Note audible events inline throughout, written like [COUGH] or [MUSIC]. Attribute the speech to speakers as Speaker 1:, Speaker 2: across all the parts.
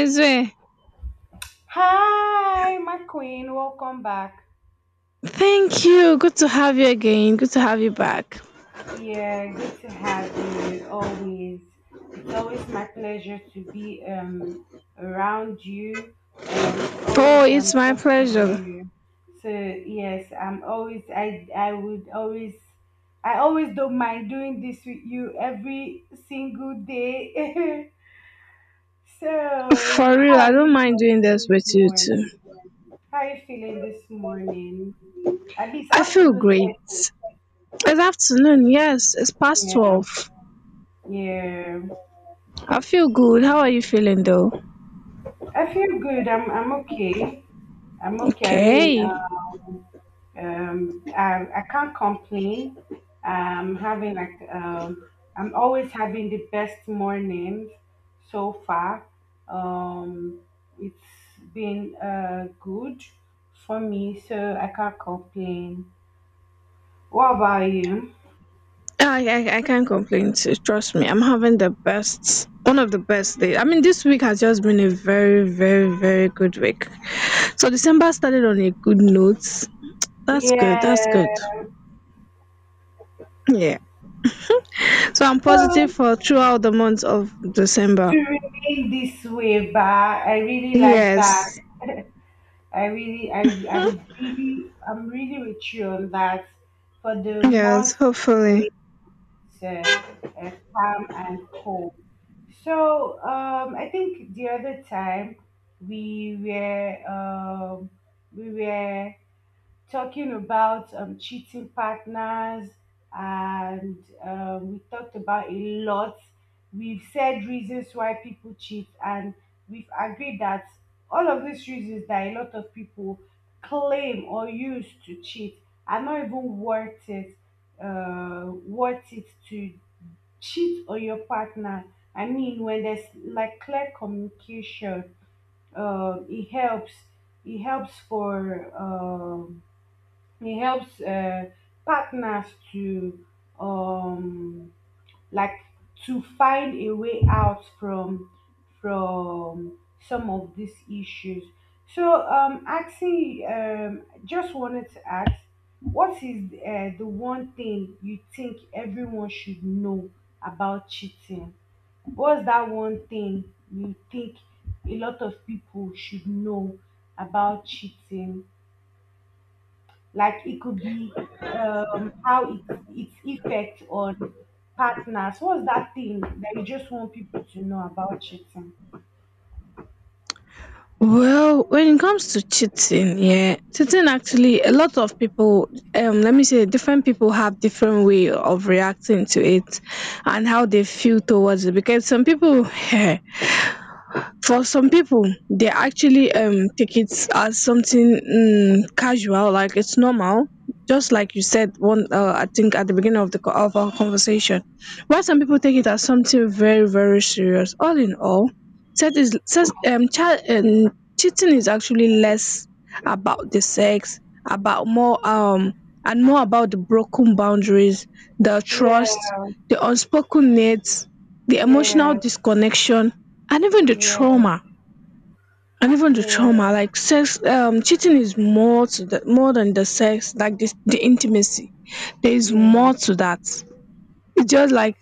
Speaker 1: Ezwe,
Speaker 2: Hi, my queen. Welcome back.
Speaker 1: thank you. Good to have you again. Good to have you back.
Speaker 2: Yeah, good to have you always. It's always my pleasure to be around you, to always
Speaker 1: Oh, it's my
Speaker 2: talk to
Speaker 1: pleasure.
Speaker 2: you. So yes, I would always I always don't mind doing this with you every single day. [LAUGHS] So,
Speaker 1: For
Speaker 2: how
Speaker 1: real, I
Speaker 2: are
Speaker 1: don't
Speaker 2: you
Speaker 1: mind doing
Speaker 2: feeling
Speaker 1: this
Speaker 2: this
Speaker 1: with you too.
Speaker 2: morning? How are you feeling this morning? I mean, it's
Speaker 1: I feel
Speaker 2: afternoon.
Speaker 1: great. It's afternoon, yes, it's past
Speaker 2: Yeah,
Speaker 1: 12.
Speaker 2: yeah.
Speaker 1: I feel good. How are you feeling though?
Speaker 2: I feel good. I'm okay. I'm okay. I
Speaker 1: Okay.
Speaker 2: mean, I can't complain. I'm having I'm always having the best mornings so far. Um, it's been good for me, so I can't complain. What about you?
Speaker 1: I can't complain too. Trust me, I'm having the best, one of the best days. I mean, this week has just been a very, very, very good week. So December started on a good note. That's good. That's good.
Speaker 2: Yeah.
Speaker 1: Yeah. So I'm positive
Speaker 2: Well,
Speaker 1: for throughout the month of
Speaker 2: to
Speaker 1: December.
Speaker 2: remain this way, but I really like that.
Speaker 1: Yes.
Speaker 2: [LAUGHS] I really, I, I'm really with you on that. For the
Speaker 1: Yes,
Speaker 2: month to
Speaker 1: hopefully.
Speaker 2: remain calm and cool. So I think the other time we were um, we were talking about cheating partners and we talked about a lot. We've said reasons why people cheat and we've agreed that all of these reasons that a lot of people claim or use to cheat are not even worth it, worth it to cheat on your partner. I mean, when there's like clear communication, it helps. It helps for it helps partners to um, like to find a way out from some of these issues. So, just wanted to ask, what is the one thing you think everyone should know about cheating? What's that one thing you think a lot of people should know about cheating? Like it could be um, how it, its effect on partners. What's that thing that you just want people to know about cheating?
Speaker 1: Well, when it comes to cheating, yeah, cheating actually a lot of people, let me say, different people have different way of reacting to it and how they feel towards it. Because some people, [LAUGHS] for some people they actually take it as something casual like its normal, just like you said one I think at the beginning of the of our conversation, while some people take it as something very, very serious. All in all said is says, child, cheating is actually less about the sex, about more and more about the broken boundaries, the
Speaker 2: Yeah,
Speaker 1: trust, the unspoken needs, the emotional
Speaker 2: yeah,
Speaker 1: disconnection, and even the
Speaker 2: yeah,
Speaker 1: trauma
Speaker 2: yeah,
Speaker 1: like sex, cheating is more to the more than the sex, like this, the intimacy. There is more
Speaker 2: yeah,
Speaker 1: to that. It's just like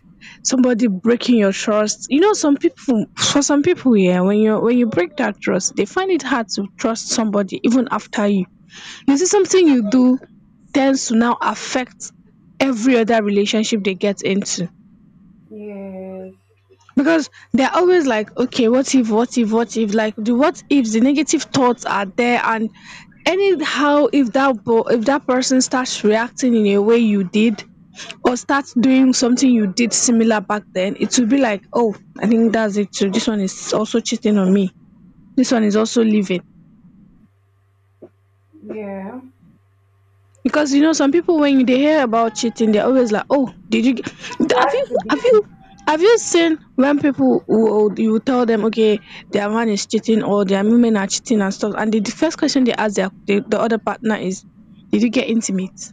Speaker 1: somebody breaking your trust, you know. Some people for some people yeah, when you break that trust, they find it hard to trust somebody even after you. You see, something you do tends to now affect every other relationship they get into,
Speaker 2: yes,
Speaker 1: because they're always like, okay, what if, what if, what if, like the what ifs, the negative thoughts are there. And anyhow, if that if that person starts reacting in a way you did, or starts doing something you did similar back then, it will be like, oh, I think that's it too, this one is also cheating on me, this one is also leaving.
Speaker 2: yeah.
Speaker 1: Because you know, some people when they hear about cheating, they're always like, "Oh, did you get,
Speaker 2: It
Speaker 1: have you
Speaker 2: has to
Speaker 1: have
Speaker 2: be.
Speaker 1: you have you seen when people will, you will tell them, okay, their man is cheating or their women are cheating and stuff, and the first question they ask their, the other partner is, did you get intimate,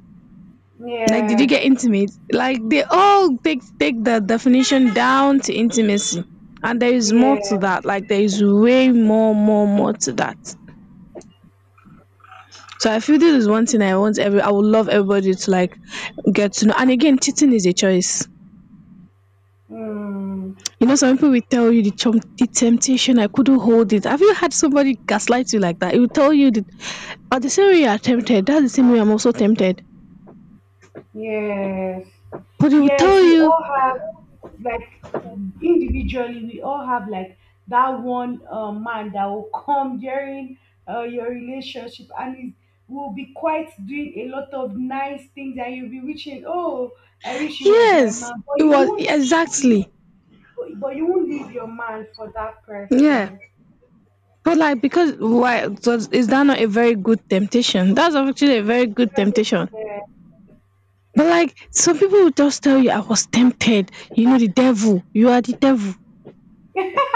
Speaker 1: like did you
Speaker 2: Yeah,
Speaker 1: get intimate, like they all take the definition down to intimacy. And there is more to
Speaker 2: yeah,
Speaker 1: that, like there is way more, more to that. So I feel this is one thing I want every, I would love everybody to like get to know. And again, cheating is a choice.
Speaker 2: mm,
Speaker 1: You know, some people will tell you the, the temptation, I couldn't hold it. Have you had somebody gaslight you like that? It will tell you that, but the same way you are tempted, that's the same way I'm also tempted.
Speaker 2: yes,
Speaker 1: But it will
Speaker 2: yes.
Speaker 1: tell
Speaker 2: We
Speaker 1: you,
Speaker 2: all have like individually we all have like that one man that will come during your relationship and is will be quite doing a lot of nice things, and you'll be wishing, oh, I wish he was my
Speaker 1: yes,
Speaker 2: man, but
Speaker 1: it
Speaker 2: you
Speaker 1: was
Speaker 2: won't leave
Speaker 1: exactly.
Speaker 2: but but you won't leave your man for that
Speaker 1: Yeah.
Speaker 2: person.
Speaker 1: But like, because why? So is that not a very good temptation? That's actually a very good
Speaker 2: That's it.
Speaker 1: temptation.
Speaker 2: Yeah.
Speaker 1: But like, some people will just tell you, "I was tempted." You know, the devil. You are the devil.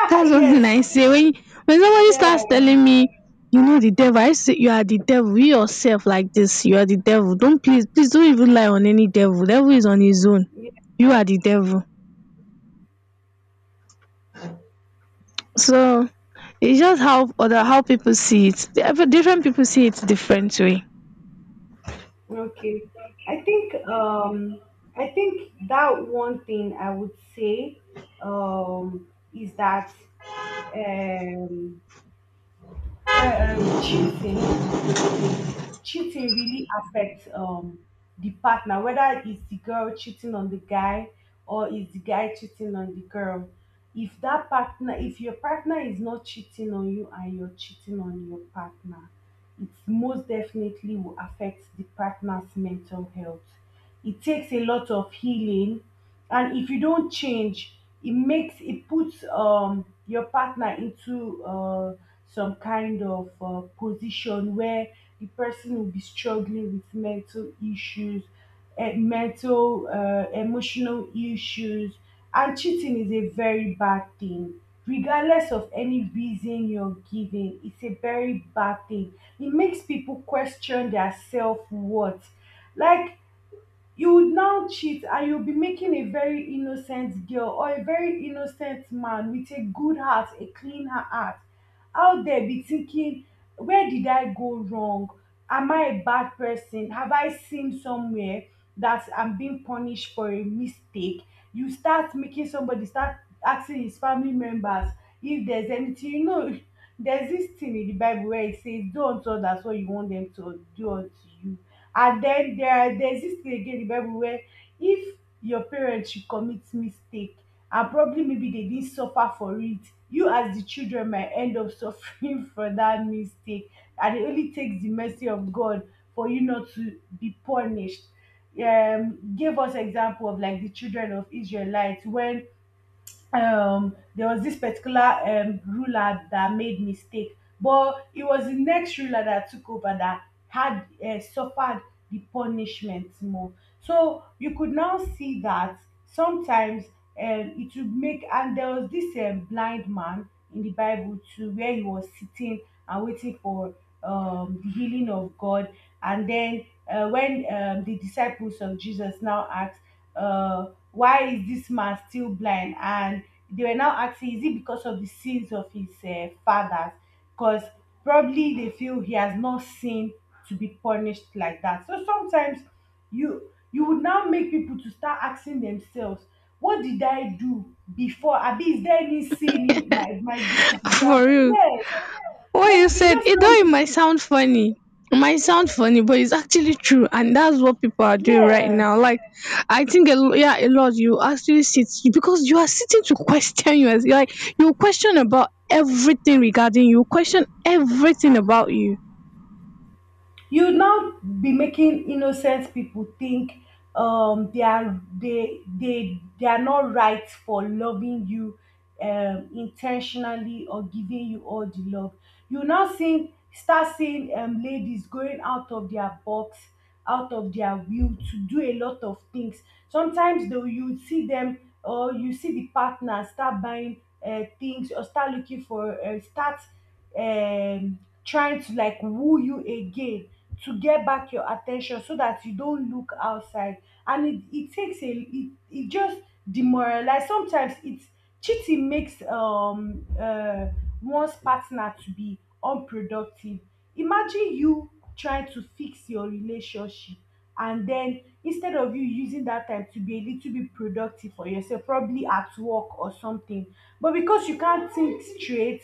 Speaker 1: That's one thing
Speaker 2: [LAUGHS] Yes,
Speaker 1: I say when somebody
Speaker 2: yeah,
Speaker 1: starts telling me, "You know, the devil," I say, "You are the devil. You yourself like this. You are the devil. Don't, please, please don't even lie on any devil. Devil is on his own.
Speaker 2: yeah,
Speaker 1: You are the devil." So it's just how other, how people see it. Different, different people see it different way.
Speaker 2: okay. I think um i think that one thing I would say is that um, uh, um, cheating cheating really affects the partner, whether it's the girl cheating on the guy or it's the guy cheating on the girl. If your partner is not cheating on you and you're cheating on your partner, it most definitely will affect the partner's mental health. It takes a lot of healing, and if you don't change, it puts your partner into some kind of position where the person will be struggling with mental issues, mental emotional issues. And cheating is a very bad thing. Regardless of any reason you're giving, it's a very bad thing. It makes people question their self worth. Like, you would now cheat, and you'll be making a very innocent girl or a very innocent man with a good heart, a clean heart, out there be thinking, where did I go wrong? Am I a bad person? Have I sinned somewhere that I'm being punished for a mistake? You start making somebody start asking his family members if there's anything, you know. [LAUGHS] There's this thing in the Bible where it says, "Do unto others what you want them to do unto you." And then there's this thing again in the Bible where if your parents should commit mistake and probably maybe they didn't suffer for it, you as the children might end up suffering [LAUGHS] for that mistake. And it only takes the mercy of God for you not to be punished. Gave us example of like the children of Israelites when there was this particular ruler that made mistake, but it was the next ruler that took over that had suffered the punishment more. So you could now see that sometimes it would make, and there was this blind man in the Bible too, where he was sitting and waiting for the healing of God. And then when the disciples of Jesus now asked, uh, "Why is this man still blind?" And they were now asking, "Is it because of the sins of his fathers?" Because probably they feel he has not sinned to be punished like that. So sometimes you would now make people to start asking themselves, "What did I do before? Abi, is there any sin in my
Speaker 1: [LAUGHS]
Speaker 2: great grand?"
Speaker 1: For real.
Speaker 2: Yes.
Speaker 1: What
Speaker 2: Like
Speaker 1: you
Speaker 2: you
Speaker 1: said,
Speaker 2: just
Speaker 1: it though
Speaker 2: don't
Speaker 1: it
Speaker 2: make,
Speaker 1: might sound funny. It might sound funny, but it's actually true, and that's what people are doing right
Speaker 2: yeah,
Speaker 1: now. Like, I think a yeah, a lot, you actually sit, because you are sitting to question you, as like you question about everything regarding you, question everything about you.
Speaker 2: you now be making innocent people think they are they are not right for loving you, intentionally or giving you all the love. You now seeing start seeing ladies going out of their box, out of their will to do a lot of things. Sometimes though you see them, or you see the partner start buying things or start looking for start um, trying to like woo you again to get back your attention so that you don't look outside. And it just demoralize. Sometimes it's cheating makes one's partner to be unproductive. Imagine you trying to fix your relationship, and then instead of you using that time to be a little bit productive for yourself, probably at work or something, but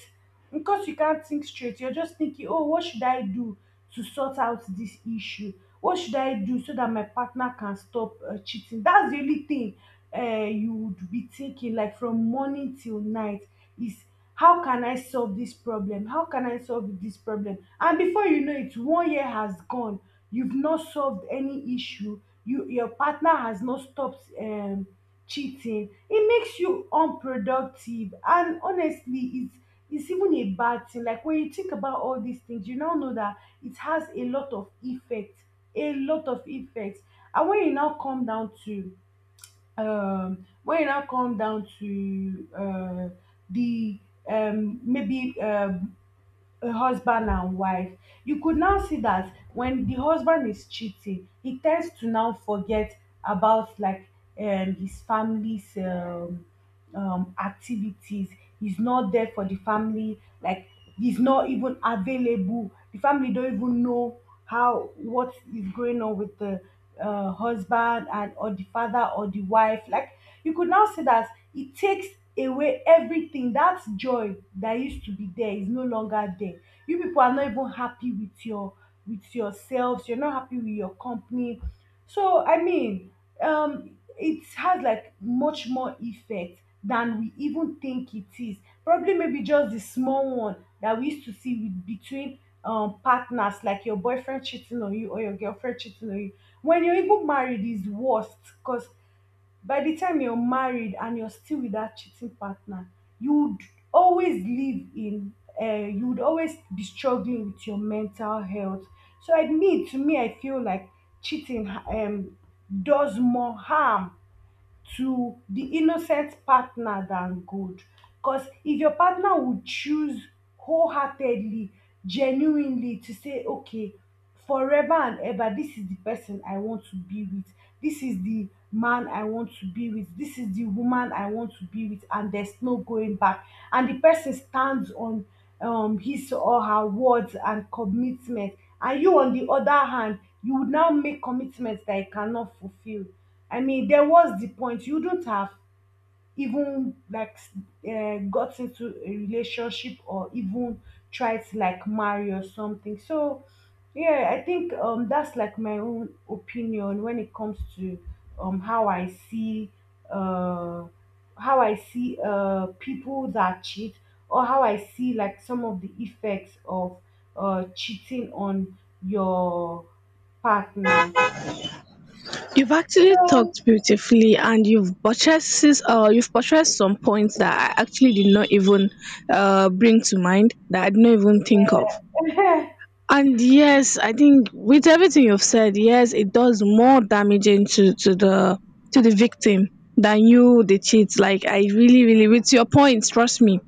Speaker 2: because you can't think straight, you're just thinking, oh, what should I do to sort out this issue? What should I do so that my partner can stop cheating? That's the only thing you would be thinking like from morning till night is, how can I solve this problem? And before you know it, 1 year has gone, you've not solved any issue, you, your partner has not stopped cheating. It makes you unproductive, and honestly, it's even a bad thing. Like when you think about all these things, you now know that it has a lot of effect. A lot of effects. And when you now come down to, um, when you now come down to uh, the maybe a husband and wife, you could now see that when the husband is cheating, he tends to now forget about like his family's. Activities. He's not there for the family. Like he's not even available. The family don't even know how what is going on with the husband and or the father or the wife. Like you could now say that it takes away everything. That joy that used to be there is no longer there. You people are not even happy with your with yourselves. You're not happy with your company. So I mean, it has like much more effect than we even think it is. Probably maybe just the small one that we used to see with between partners, like your boyfriend cheating on you or your girlfriend cheating on you. When you're even married is worst, because by the time you're married and you're still with that cheating partner, you would always live in, you would always be struggling with your mental health. So, I mean, to me, I feel like cheating does more harm to the innocent partner than gold. Because if your partner would choose wholeheartedly, genuinely to say, okay, forever and ever, this is the person I want to be with, this is the man I want to be with, this is the woman I want to be with, and there's no going back, and the person stands on his or her words and commitment, and you on the other hand, you would now make commitments that you cannot fulfill. I mean, then what's the point? You don't have even like got into a relationship, or even tried to like marry or something. So yeah, I think that's like my own opinion when it comes to how I see uh people that cheat, or how I see like some of the effects of cheating on your partner.
Speaker 1: You've actually
Speaker 2: So
Speaker 1: talked beautifully, and you've purchased, you've buttressed some points that I actually did not even bring to mind, that I did not even think of.
Speaker 2: [LAUGHS]
Speaker 1: And yes, I think with everything you've said, yes, it does more damaging to the, to the victim than you the cheat. Like, I really, really with your points, trust me.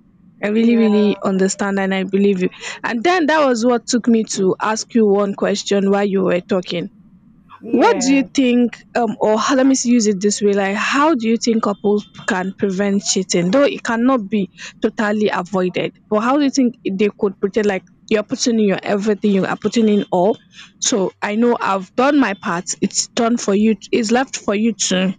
Speaker 1: I really,
Speaker 2: yeah.
Speaker 1: really understand and I believe you. And then that was what took me to ask you one question while you were talking. What do you
Speaker 2: Yeah.
Speaker 1: think, or how, let me use it this way, like how do you think couples can prevent cheating? Though it cannot be totally avoided, but how do you think they could pretend like you're putting in your everything, you are putting in all. So I know I've done my part. It's done for you. It's left for you to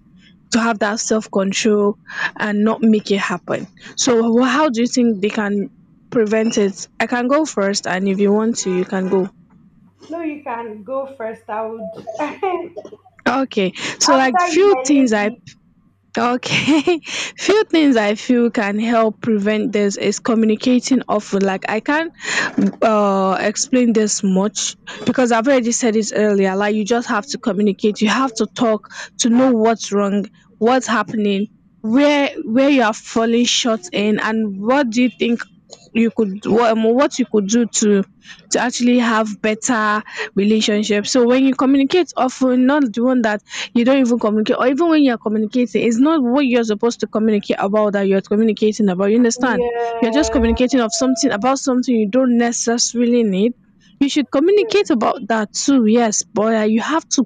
Speaker 1: to have that self control and not make it happen. So how do you think they can prevent it? I can go first, and if you want to, you can go.
Speaker 2: No, you can go first. I would [LAUGHS]
Speaker 1: Okay, so like
Speaker 2: after you,
Speaker 1: few
Speaker 2: my
Speaker 1: things I,
Speaker 2: lady.
Speaker 1: okay. [LAUGHS] Few things I feel can help prevent this is communicating often. Like, I can't explain this much because I've already said it earlier. Like, you just have to communicate. You have to talk to know what's wrong, what's happening, where you are falling short in, and what do you think you could, what you could do to actually have better relationships. So when you communicate often, not the one that you don't even communicate, or even when you're communicating it's not what you're supposed to communicate about that you're communicating about, you understand, you're just
Speaker 2: Yeah.
Speaker 1: communicating of something, about something you don't necessarily need. You should
Speaker 2: Yeah.
Speaker 1: communicate about that too, yes, but you have to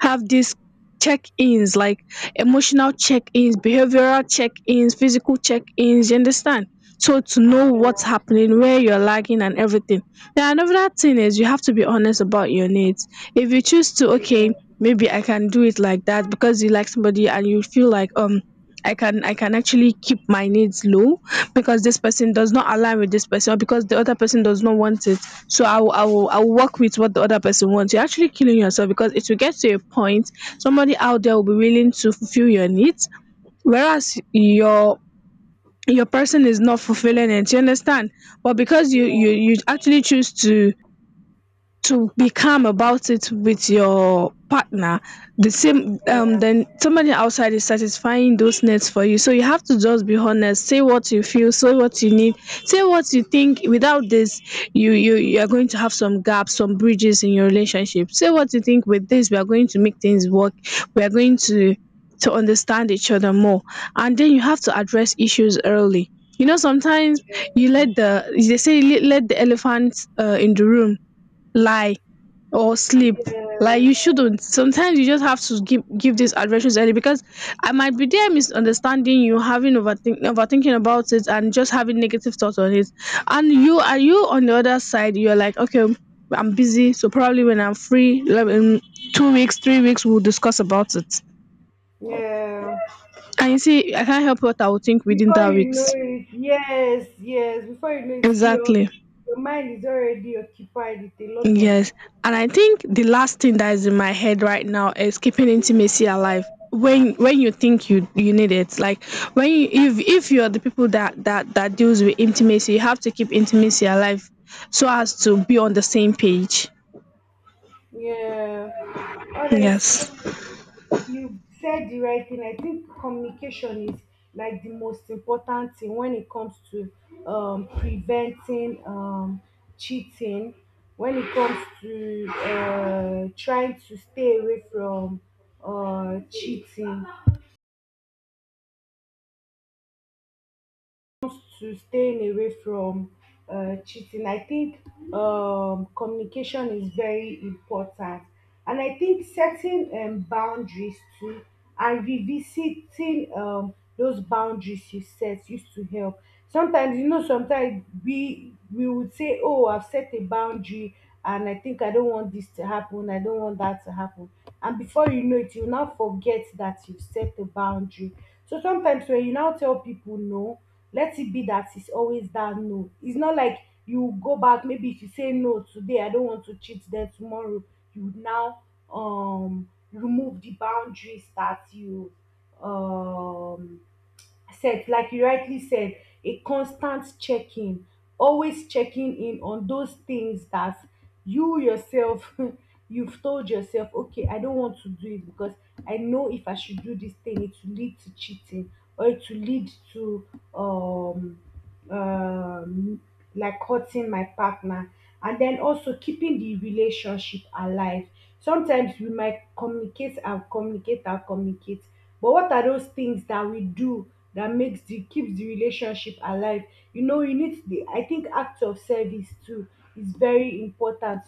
Speaker 1: have these check-ins, like emotional check-ins, behavioral check-ins, physical check-ins, you understand? So to know what's
Speaker 2: Yeah.
Speaker 1: happening, where you're lagging and everything. Then another thing is you have to be honest about your needs. If you choose to, okay,
Speaker 2: Yeah.
Speaker 1: maybe I can do it like that, because you like somebody and you feel like I can, I can actually keep my needs low because this person does not align with this person, or because the other person does not want it, so I will, I will work with what the other person wants. You're actually killing yourself, because it will get to a point somebody out there will be willing to fulfill your needs, whereas your person is not fulfilling it. You understand? But because you actually choose to be calm about it with your partner, the same
Speaker 2: Yeah.
Speaker 1: then somebody outside is satisfying those needs for you. So you have to just be honest, say what you feel, say what you need, say what you think. Without this, you are going to have some gaps, some bridges in your relationship. Say what you think. With this, we are going to make things work, we are going to understand each other more. And then you have to address issues early. You know, sometimes you let
Speaker 2: Yeah.
Speaker 1: the, they say let, let the elephant in the room lie or sleep. Like, you
Speaker 2: Yes.
Speaker 1: shouldn't, sometimes you just have to give, give these adventures early, because I might be there misunderstanding you, having overthink, overthinking about it and just having negative thoughts on it. And you are, you on the other side you're like, okay, I'm busy, so probably when I'm free, like in 2 weeks, 3 weeks we'll discuss about it.
Speaker 2: Yeah.
Speaker 1: And you see, I can't help what I will think within
Speaker 2: Before
Speaker 1: that
Speaker 2: you know
Speaker 1: weeks.
Speaker 2: it, yes, yes. Before you know it,
Speaker 1: Exactly.
Speaker 2: your mind is already occupied with a lot of
Speaker 1: Yes, and I think the last thing that is in my head right now is keeping intimacy alive when you think you, you need it. Like, when you, if you're the people that, that deals with intimacy, you have to keep intimacy alive so as to be on the same page.
Speaker 2: yeah.
Speaker 1: Yes.
Speaker 2: Honestly, you've said the right thing. I think communication is like the most important thing when it comes to preventing cheating, when it comes to trying to stay away from uh, cheating, to staying away from cheating. I think communication is very important, and I think setting boundaries too and revisiting those boundaries you set used to help. Sometimes sometimes we would say, "Oh, I've set a boundary." And I think I don't want this to happen. I don't want that to happen. And before you know it, you now forget that you've set a boundary. So sometimes when you now tell people no, let it be that it's always that no. It's not like you go back, maybe if you say no today, I don't want to cheat, then tomorrow you now remove the boundaries that you um said like you rightly said, a constant checking, always checking in on those things that you yourself [LAUGHS] you've told yourself, okay, I don't want to do it because I know if I should do this thing it will lead to cheating or it will lead to um um like hurting my partner. And then also keeping the relationship alive, sometimes we might communicate and communicate and communicate, but what are those things that we do that makes the keeps the relationship alive? You need the, I think, act of service too is very important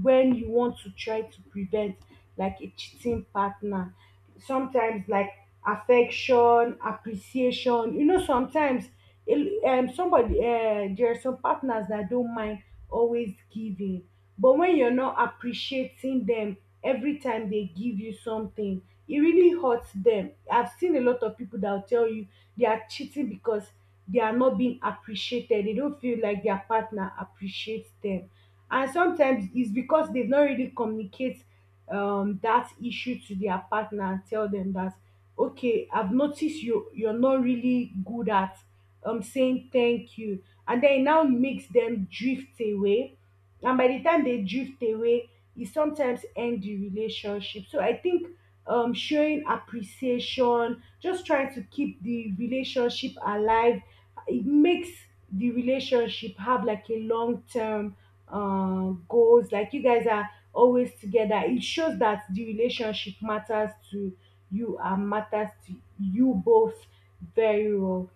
Speaker 2: when you want to try to prevent like a cheating partner. Sometimes like affection, appreciation. You know, sometimes somebody, there are some partners that don't mind always giving, but when you're not appreciating them every time they give you something, it really hurts them. I've seen a lot of people that will tell you they are cheating because they are not being appreciated. They don't feel like their partner appreciates them. And sometimes it's because they've not really communicate that issue to their partner and tell them that, okay, I've noticed you're not really good at saying thank you, and then it now makes them drift away, and by the time they drift away, it sometimes end the relationship. So I think showing appreciation, just trying to keep the relationship alive, it makes the relationship have like a long term goals, like you guys are always together. It shows that the relationship matters to you and matters to you both very well.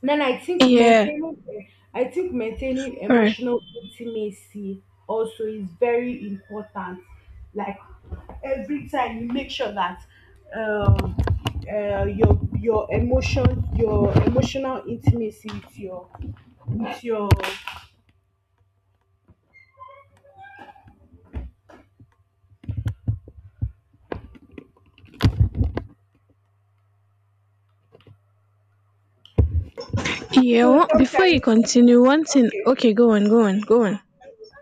Speaker 2: Then
Speaker 1: Yeah.
Speaker 2: I think maintaining
Speaker 1: Right.
Speaker 2: emotional intimacy also is very important. Like every time you make sure that um, your your emotional intimacy with your with your.
Speaker 1: Yeah.
Speaker 2: So
Speaker 1: Before you
Speaker 2: sometimes,
Speaker 1: continue, one thing.
Speaker 2: okay,
Speaker 1: Okay, go on, go on, go on.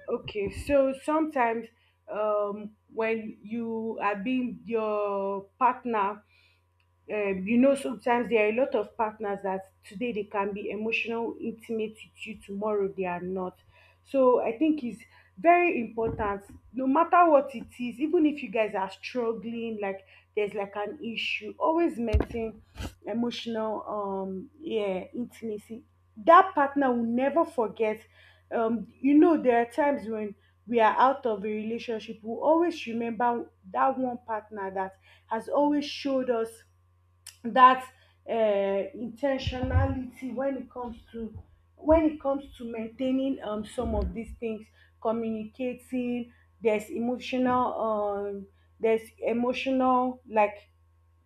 Speaker 2: okay. So sometimes, when you are being your partner, you know, sometimes there are a lot of partners that today they can be emotional intimate with you, tomorrow they are not. So I think it's very important, no matter what it is, even if you guys are struggling, like there's like an issue, always maintain emotional yeah, intimacy. That partner will never forget. You know, there are times when we are out of a relationship, we always remember that one partner that has always showed us that uh, intentionality when it comes to, when it comes to maintaining some of these things, communicating, there's emotional um, there's emotional like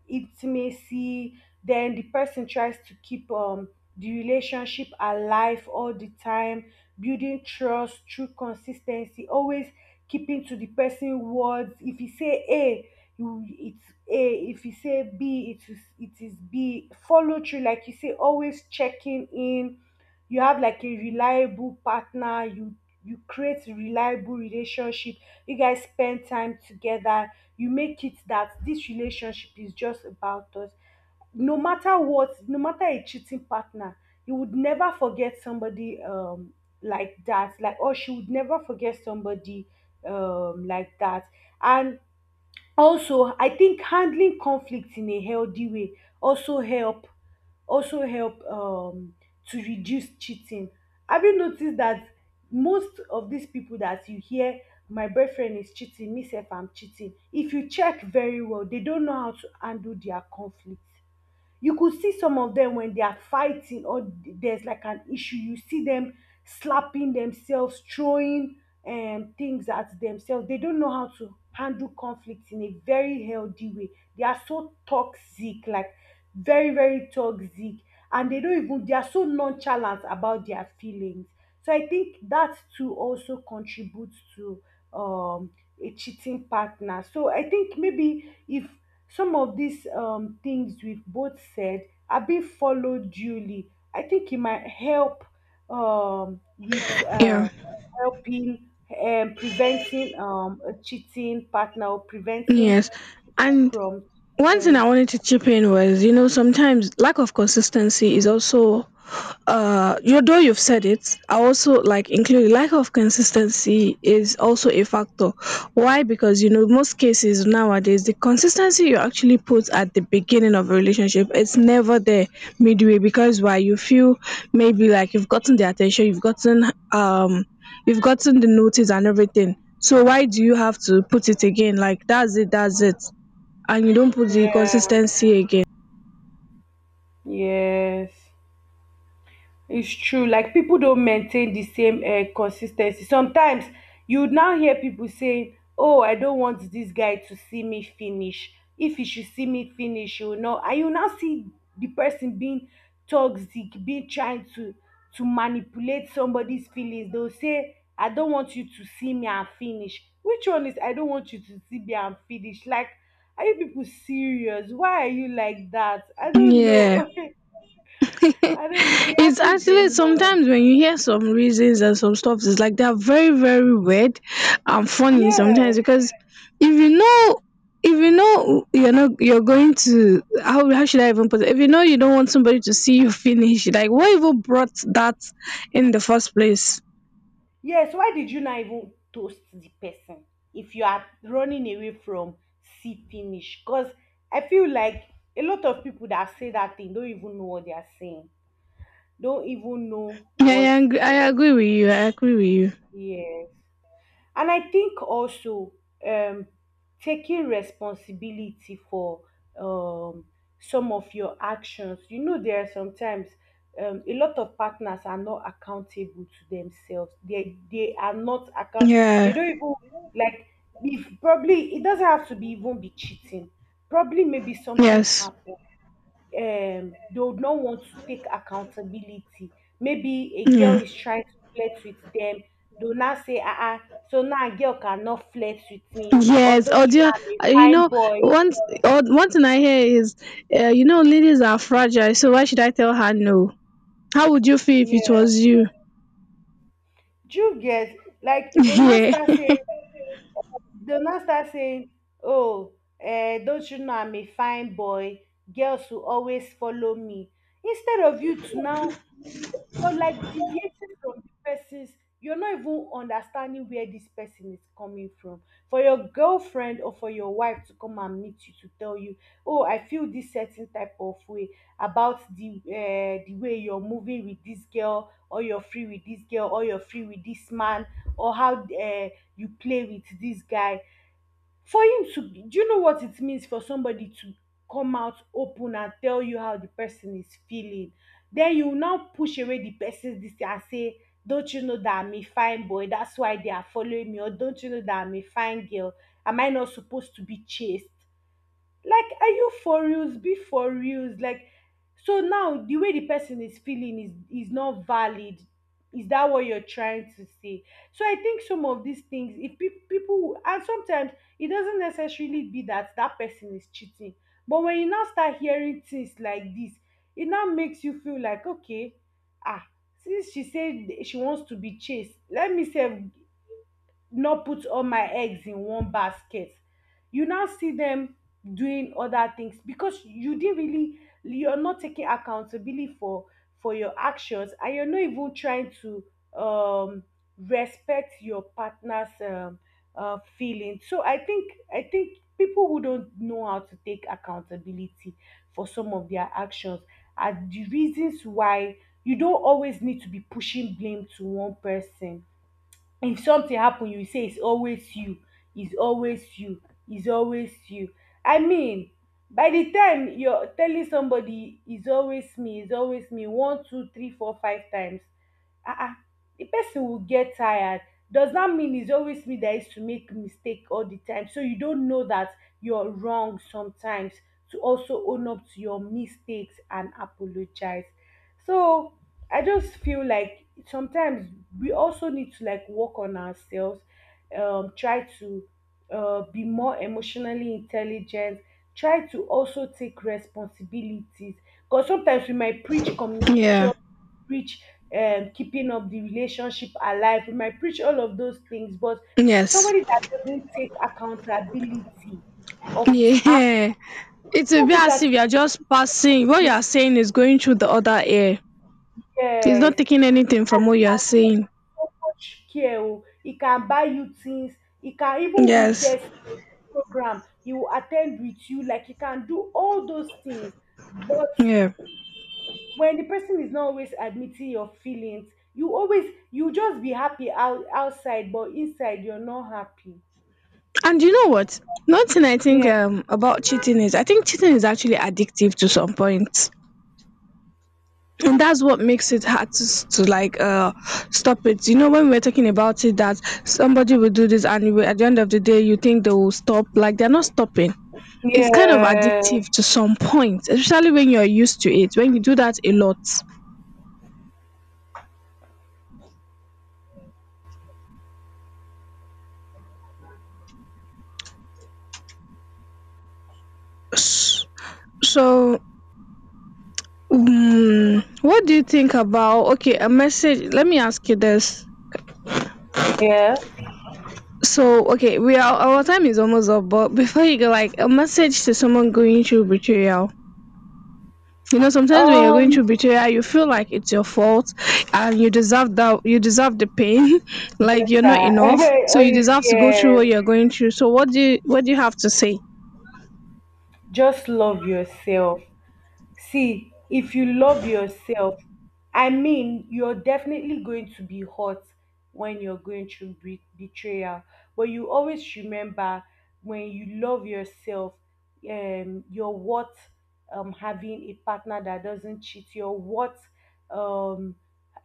Speaker 2: intimacy, then the person tries to keep the relationship alive all the time, building trust through consistency, always keeping to the person words. If you say a, you it's a, if you say b, it is, it is b, follow through, like you say, always checking in. You have like a reliable partner, you create reliable relationship, you guys spend time together, you make it that this relationship is just about us, no matter what, no matter a cheating partner. You would never forget somebody like that, like or she would never forget somebody like that. And also I think handling conflict in a healthy way also help, also help to reduce cheating. Have you noticed that most of these people that you hear my boyfriend is cheating me sef I'm cheating, if you check very well, they don't know how to handle their conflict. You could see some of them when they are fighting or there's like an issue, you see them slapping themselves, throwing things at themselves. They don't know how to handle conflict in a very healthy way. They are so toxic, like very, very toxic. And they don't even, they are so nonchalant about their feelings. So I think that too also contributes to um, a cheating partner. So I think maybe if some of these things we've both said, are being followed duly. I think it might help with uh,
Speaker 1: Yeah.
Speaker 2: helping and preventing a cheating partner, or preventing
Speaker 1: Yes.
Speaker 2: people
Speaker 1: And
Speaker 2: from
Speaker 1: one thing I
Speaker 2: cheating.
Speaker 1: wanted to chip in was, you know, sometimes lack of consistency is also, you though you've said it, I also like include lack of consistency is also a factor. Why? Because you know, most cases nowadays, the consistency you actually put at the beginning of a relationship, it's never there midway, because why? You feel maybe like you've gotten the attention, um, you've gotten the notice and everything. So why do you have to put it again? Like, that's it, that's it, and you don't put the
Speaker 2: Yeah,
Speaker 1: consistency again.
Speaker 2: yes. It's true. Like people don't maintain the same consistency. Sometimes you would now hear people saying, "Oh, I don't want this guy to see me finish. If he should see me finish, you know." And you now see the person being toxic, being trying to manipulate somebody's feelings. They'll say, "I don't want you to see me and finish." Which one is I don't want you to see me and finish? Like, are you people serious? Why are you like that? I don't
Speaker 1: Yeah.
Speaker 2: know. [LAUGHS] I
Speaker 1: [LAUGHS]
Speaker 2: don't know. It
Speaker 1: It's
Speaker 2: happens
Speaker 1: actually
Speaker 2: a lot.
Speaker 1: sometimes when you hear some reasons and some stuff, it's like they're very, very weird and funny sometimes
Speaker 2: Yes,
Speaker 1: because if you know if you know you're not you're going to how should I even put it? If you know you don't want somebody to see you [LAUGHS] finish, like what even brought that in the first place?
Speaker 2: yes. Why did you not even toast the person if you are running away from see finish? Because I feel like a lot of people that say that thing don't even know what they are saying, don't even know
Speaker 1: Yeah,
Speaker 2: what.
Speaker 1: I agree with you. I agree with you.
Speaker 2: Yes, and I think also um taking responsibility for um some of your actions. You know, there are sometimes a lot of partners are not accountable to themselves, they are not account, they
Speaker 1: Yeah.
Speaker 2: don't even, like, if probably it doesn't have to be even be cheating, probably maybe something
Speaker 1: Yes.
Speaker 2: happened, they would not want to take accountability. Maybe a girl
Speaker 1: Yeah.
Speaker 2: is trying to flirt with them, they will now say, uh-uh, so now a girl cannot flirt with me, or
Speaker 1: Yes, or
Speaker 2: don't you
Speaker 1: do you,
Speaker 2: know I'm a
Speaker 1: you
Speaker 2: fine
Speaker 1: know
Speaker 2: boy.
Speaker 1: once or one thing I hear is, ladies are fragile. So why should I tell her no? How would you feel if it
Speaker 2: Yeah.
Speaker 1: was you?
Speaker 2: Do you get, like, they'll now
Speaker 1: [LAUGHS]
Speaker 2: start
Speaker 1: Yeah,
Speaker 2: saying, they'll not start saying, Oh, eh, don't you know I'm a fine boy? Girls will always follow me. Instead of you to now, you- are like deviating from the person's, you're not even understanding where this person is coming from. For your girlfriend or for your wife to come and meet you to tell you, Oh, I feel this certain type of way about the way you're moving with this girl, or you're free with this girl, or you're free with this man, or how you play with this guy, for him to do, you know what it means for somebody to come out open and tell you how the person is feeling, then you now push away the person's this thing and say, don't you know that I'm a fine boy, that's why they are following me, or don't you know that I'm a fine girl, am I not supposed to be chased? Like, are you for reals? Be for reals. Like, so now the way the person is feeling is not valid. Is that what you're trying to say? So I think some of these things, if people, and sometimes it doesn't necessarily be that that person is cheating, but when you now start hearing things like this, it now makes you feel like, okay, ah, since she said she wants to be chased, let me say, not put all my eggs in one basket. You now see them doing other things because you didn't really, you're not taking accountability for your actions, and you're not even trying to um respect your partner's feeling. So I think, I think people who don't know how to take accountability for some of their actions are the reasons why. You don't always need to be pushing blame to one person. If something happen, you say it's always you, it's always you, it's always you. I mean, by the time you're telling somebody it's always me, it's always me, 1, 2, 3, 4, 5 times, ah ah, the person will get tired. Does that mean it's always me that is to make mistake all the time? So you don't know that you're wrong sometimes, to also own up to your mistakes and apologize. So I just feel like sometimes we also need to like work on ourselves, try to be more emotionally intelligent, try to also take responsibilities. Because sometimes we might preach
Speaker 1: yeah,
Speaker 2: communication, preach keeping up the relationship alive, we might preach all of those things, but
Speaker 1: yes,
Speaker 2: somebody that doesn't take accountability of his
Speaker 1: yeah. It will be as
Speaker 2: actions.
Speaker 1: if you are just passing. What you are saying is going through the other ear. It's
Speaker 2: Yes.
Speaker 1: not taking anything
Speaker 2: The
Speaker 1: from what
Speaker 2: person
Speaker 1: you are
Speaker 2: can show
Speaker 1: saying.
Speaker 2: you so much care. Oh. He can buy you things. He can, even if
Speaker 1: Yes,
Speaker 2: there's program, he will attend with you. Like he can do all those things. But
Speaker 1: yeah.
Speaker 2: when the person is not always admitting your feelings, you always you just be happy out, outside, but inside you're not happy.
Speaker 1: And you know what? One thing I think
Speaker 2: Yeah,
Speaker 1: about cheating is, I think cheating is actually addictive to some point. And that's what makes it hard to, to like stop it, you know, when we're talking about it that somebody will do this and at the end of the day you think they will stop, like they're not stopping. It's kind of
Speaker 2: yeah,
Speaker 1: addictive to some point, especially when you're used to it, when you do that a lot. S- so what do you think about okay a message let me ask you this.
Speaker 2: yeah.
Speaker 1: So okay, we are our time is almost up, but before you go, like a message to someone going through betrayal. You know, sometimes when you're going
Speaker 2: Um,
Speaker 1: through betrayal, you feel like it's your fault and you deserve the pain, [LAUGHS] like
Speaker 2: Better.
Speaker 1: you're
Speaker 2: [LAUGHS]
Speaker 1: not enough. So you
Speaker 2: Oh,
Speaker 1: deserve to go through
Speaker 2: yes.
Speaker 1: what you're going through. So what do you have to say?
Speaker 2: Just love yourself. See, if you love yourself, I mean, you're definitely going to be hurt when you're going through betrayal. But you always remember, when you love yourself, you're worth having a partner that doesn't cheat. You're worth um,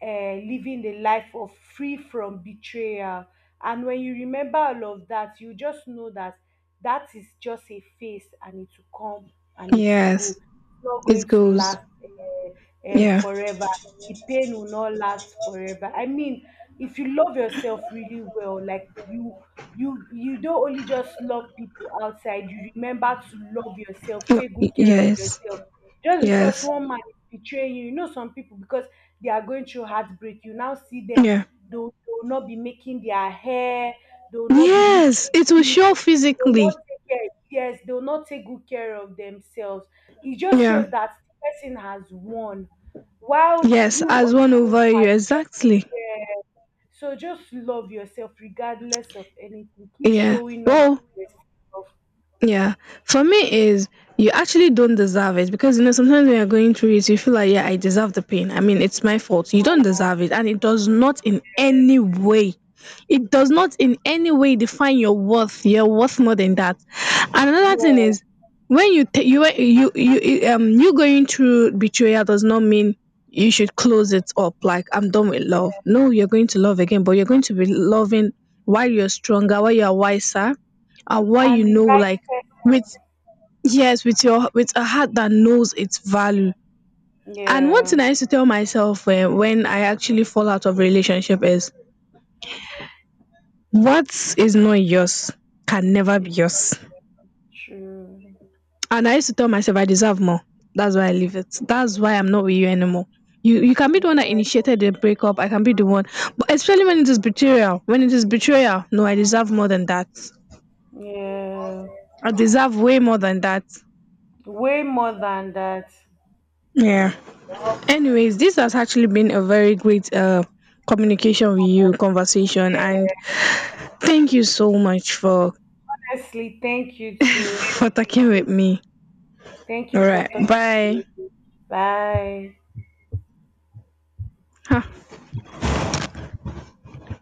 Speaker 2: living the life of free from betrayal. And when you remember all of that, you just know that that is just a phase and it will come and it will go,
Speaker 1: Yes.
Speaker 2: it's not
Speaker 1: It
Speaker 2: going to
Speaker 1: goes.
Speaker 2: last
Speaker 1: Yeah.
Speaker 2: forever. The pain will not last forever. I mean, if you love yourself really well, like you don't only just love people outside. You remember to love yourself,
Speaker 1: No,
Speaker 2: take good care of
Speaker 1: yes.
Speaker 2: yourself. Just because
Speaker 1: Yes.
Speaker 2: one man is betraying you, you know, some people, because they are going through heartbreak, you now see them;
Speaker 1: Yeah.
Speaker 2: they will, they will not be making their hair, they will not be
Speaker 1: Yes.
Speaker 2: looking
Speaker 1: It will show
Speaker 2: good, they will
Speaker 1: physically.
Speaker 2: not take care. Yes, they will not take good care of themselves. It just
Speaker 1: Yeah.
Speaker 2: shows that the person has won, while
Speaker 1: Yes.
Speaker 2: you
Speaker 1: As
Speaker 2: on
Speaker 1: one
Speaker 2: your own
Speaker 1: over you.
Speaker 2: part. Just,
Speaker 1: Exactly.
Speaker 2: yeah. So just love yourself regardless of anything. Keep
Speaker 1: Yeah.
Speaker 2: showing up
Speaker 1: Well,
Speaker 2: for yourself.
Speaker 1: yeah. For me is you actually don't deserve it, because you know sometimes when you're going through it you feel like yeah, I deserve the pain. I mean it's my fault. You don't
Speaker 2: So,
Speaker 1: deserve it, and it does not in any way define your worth. You're worth more than that. And another thing
Speaker 2: yeah,
Speaker 1: is, when you you you going through betrayal does not mean you should close it up, like I'm done with love. No, you're going to love again, but you're going to be loving while you're stronger, while you're wiser, and while
Speaker 2: yeah.
Speaker 1: you
Speaker 2: And the
Speaker 1: know,
Speaker 2: right
Speaker 1: like,
Speaker 2: person.
Speaker 1: with, yes, with your with a heart that knows its value. And one thing
Speaker 2: Yeah.
Speaker 1: I used to tell myself, when I actually fall out of relationship is, what is not yours can never be
Speaker 2: It's
Speaker 1: yours.
Speaker 2: true.
Speaker 1: And I used to tell myself I deserve more. That's why I leave it, that's why I'm not with you anymore. You can be the
Speaker 2: Yeah.
Speaker 1: one that initiated the breakup, I can be the one, but especially when it is betrayal, when it is betrayal, no, I deserve more than that.
Speaker 2: Yeah.
Speaker 1: I deserve way more than that.
Speaker 2: Way more than that.
Speaker 1: Yeah, anyways this has actually been a very great communication with you, conversation, and
Speaker 2: Yeah.
Speaker 1: thank you so much
Speaker 2: Honestly, thank you too.
Speaker 1: for talking with me.
Speaker 2: Thank
Speaker 1: All
Speaker 2: you for
Speaker 1: right,
Speaker 2: talking
Speaker 1: bye.
Speaker 2: to me. Bye.
Speaker 1: Huh.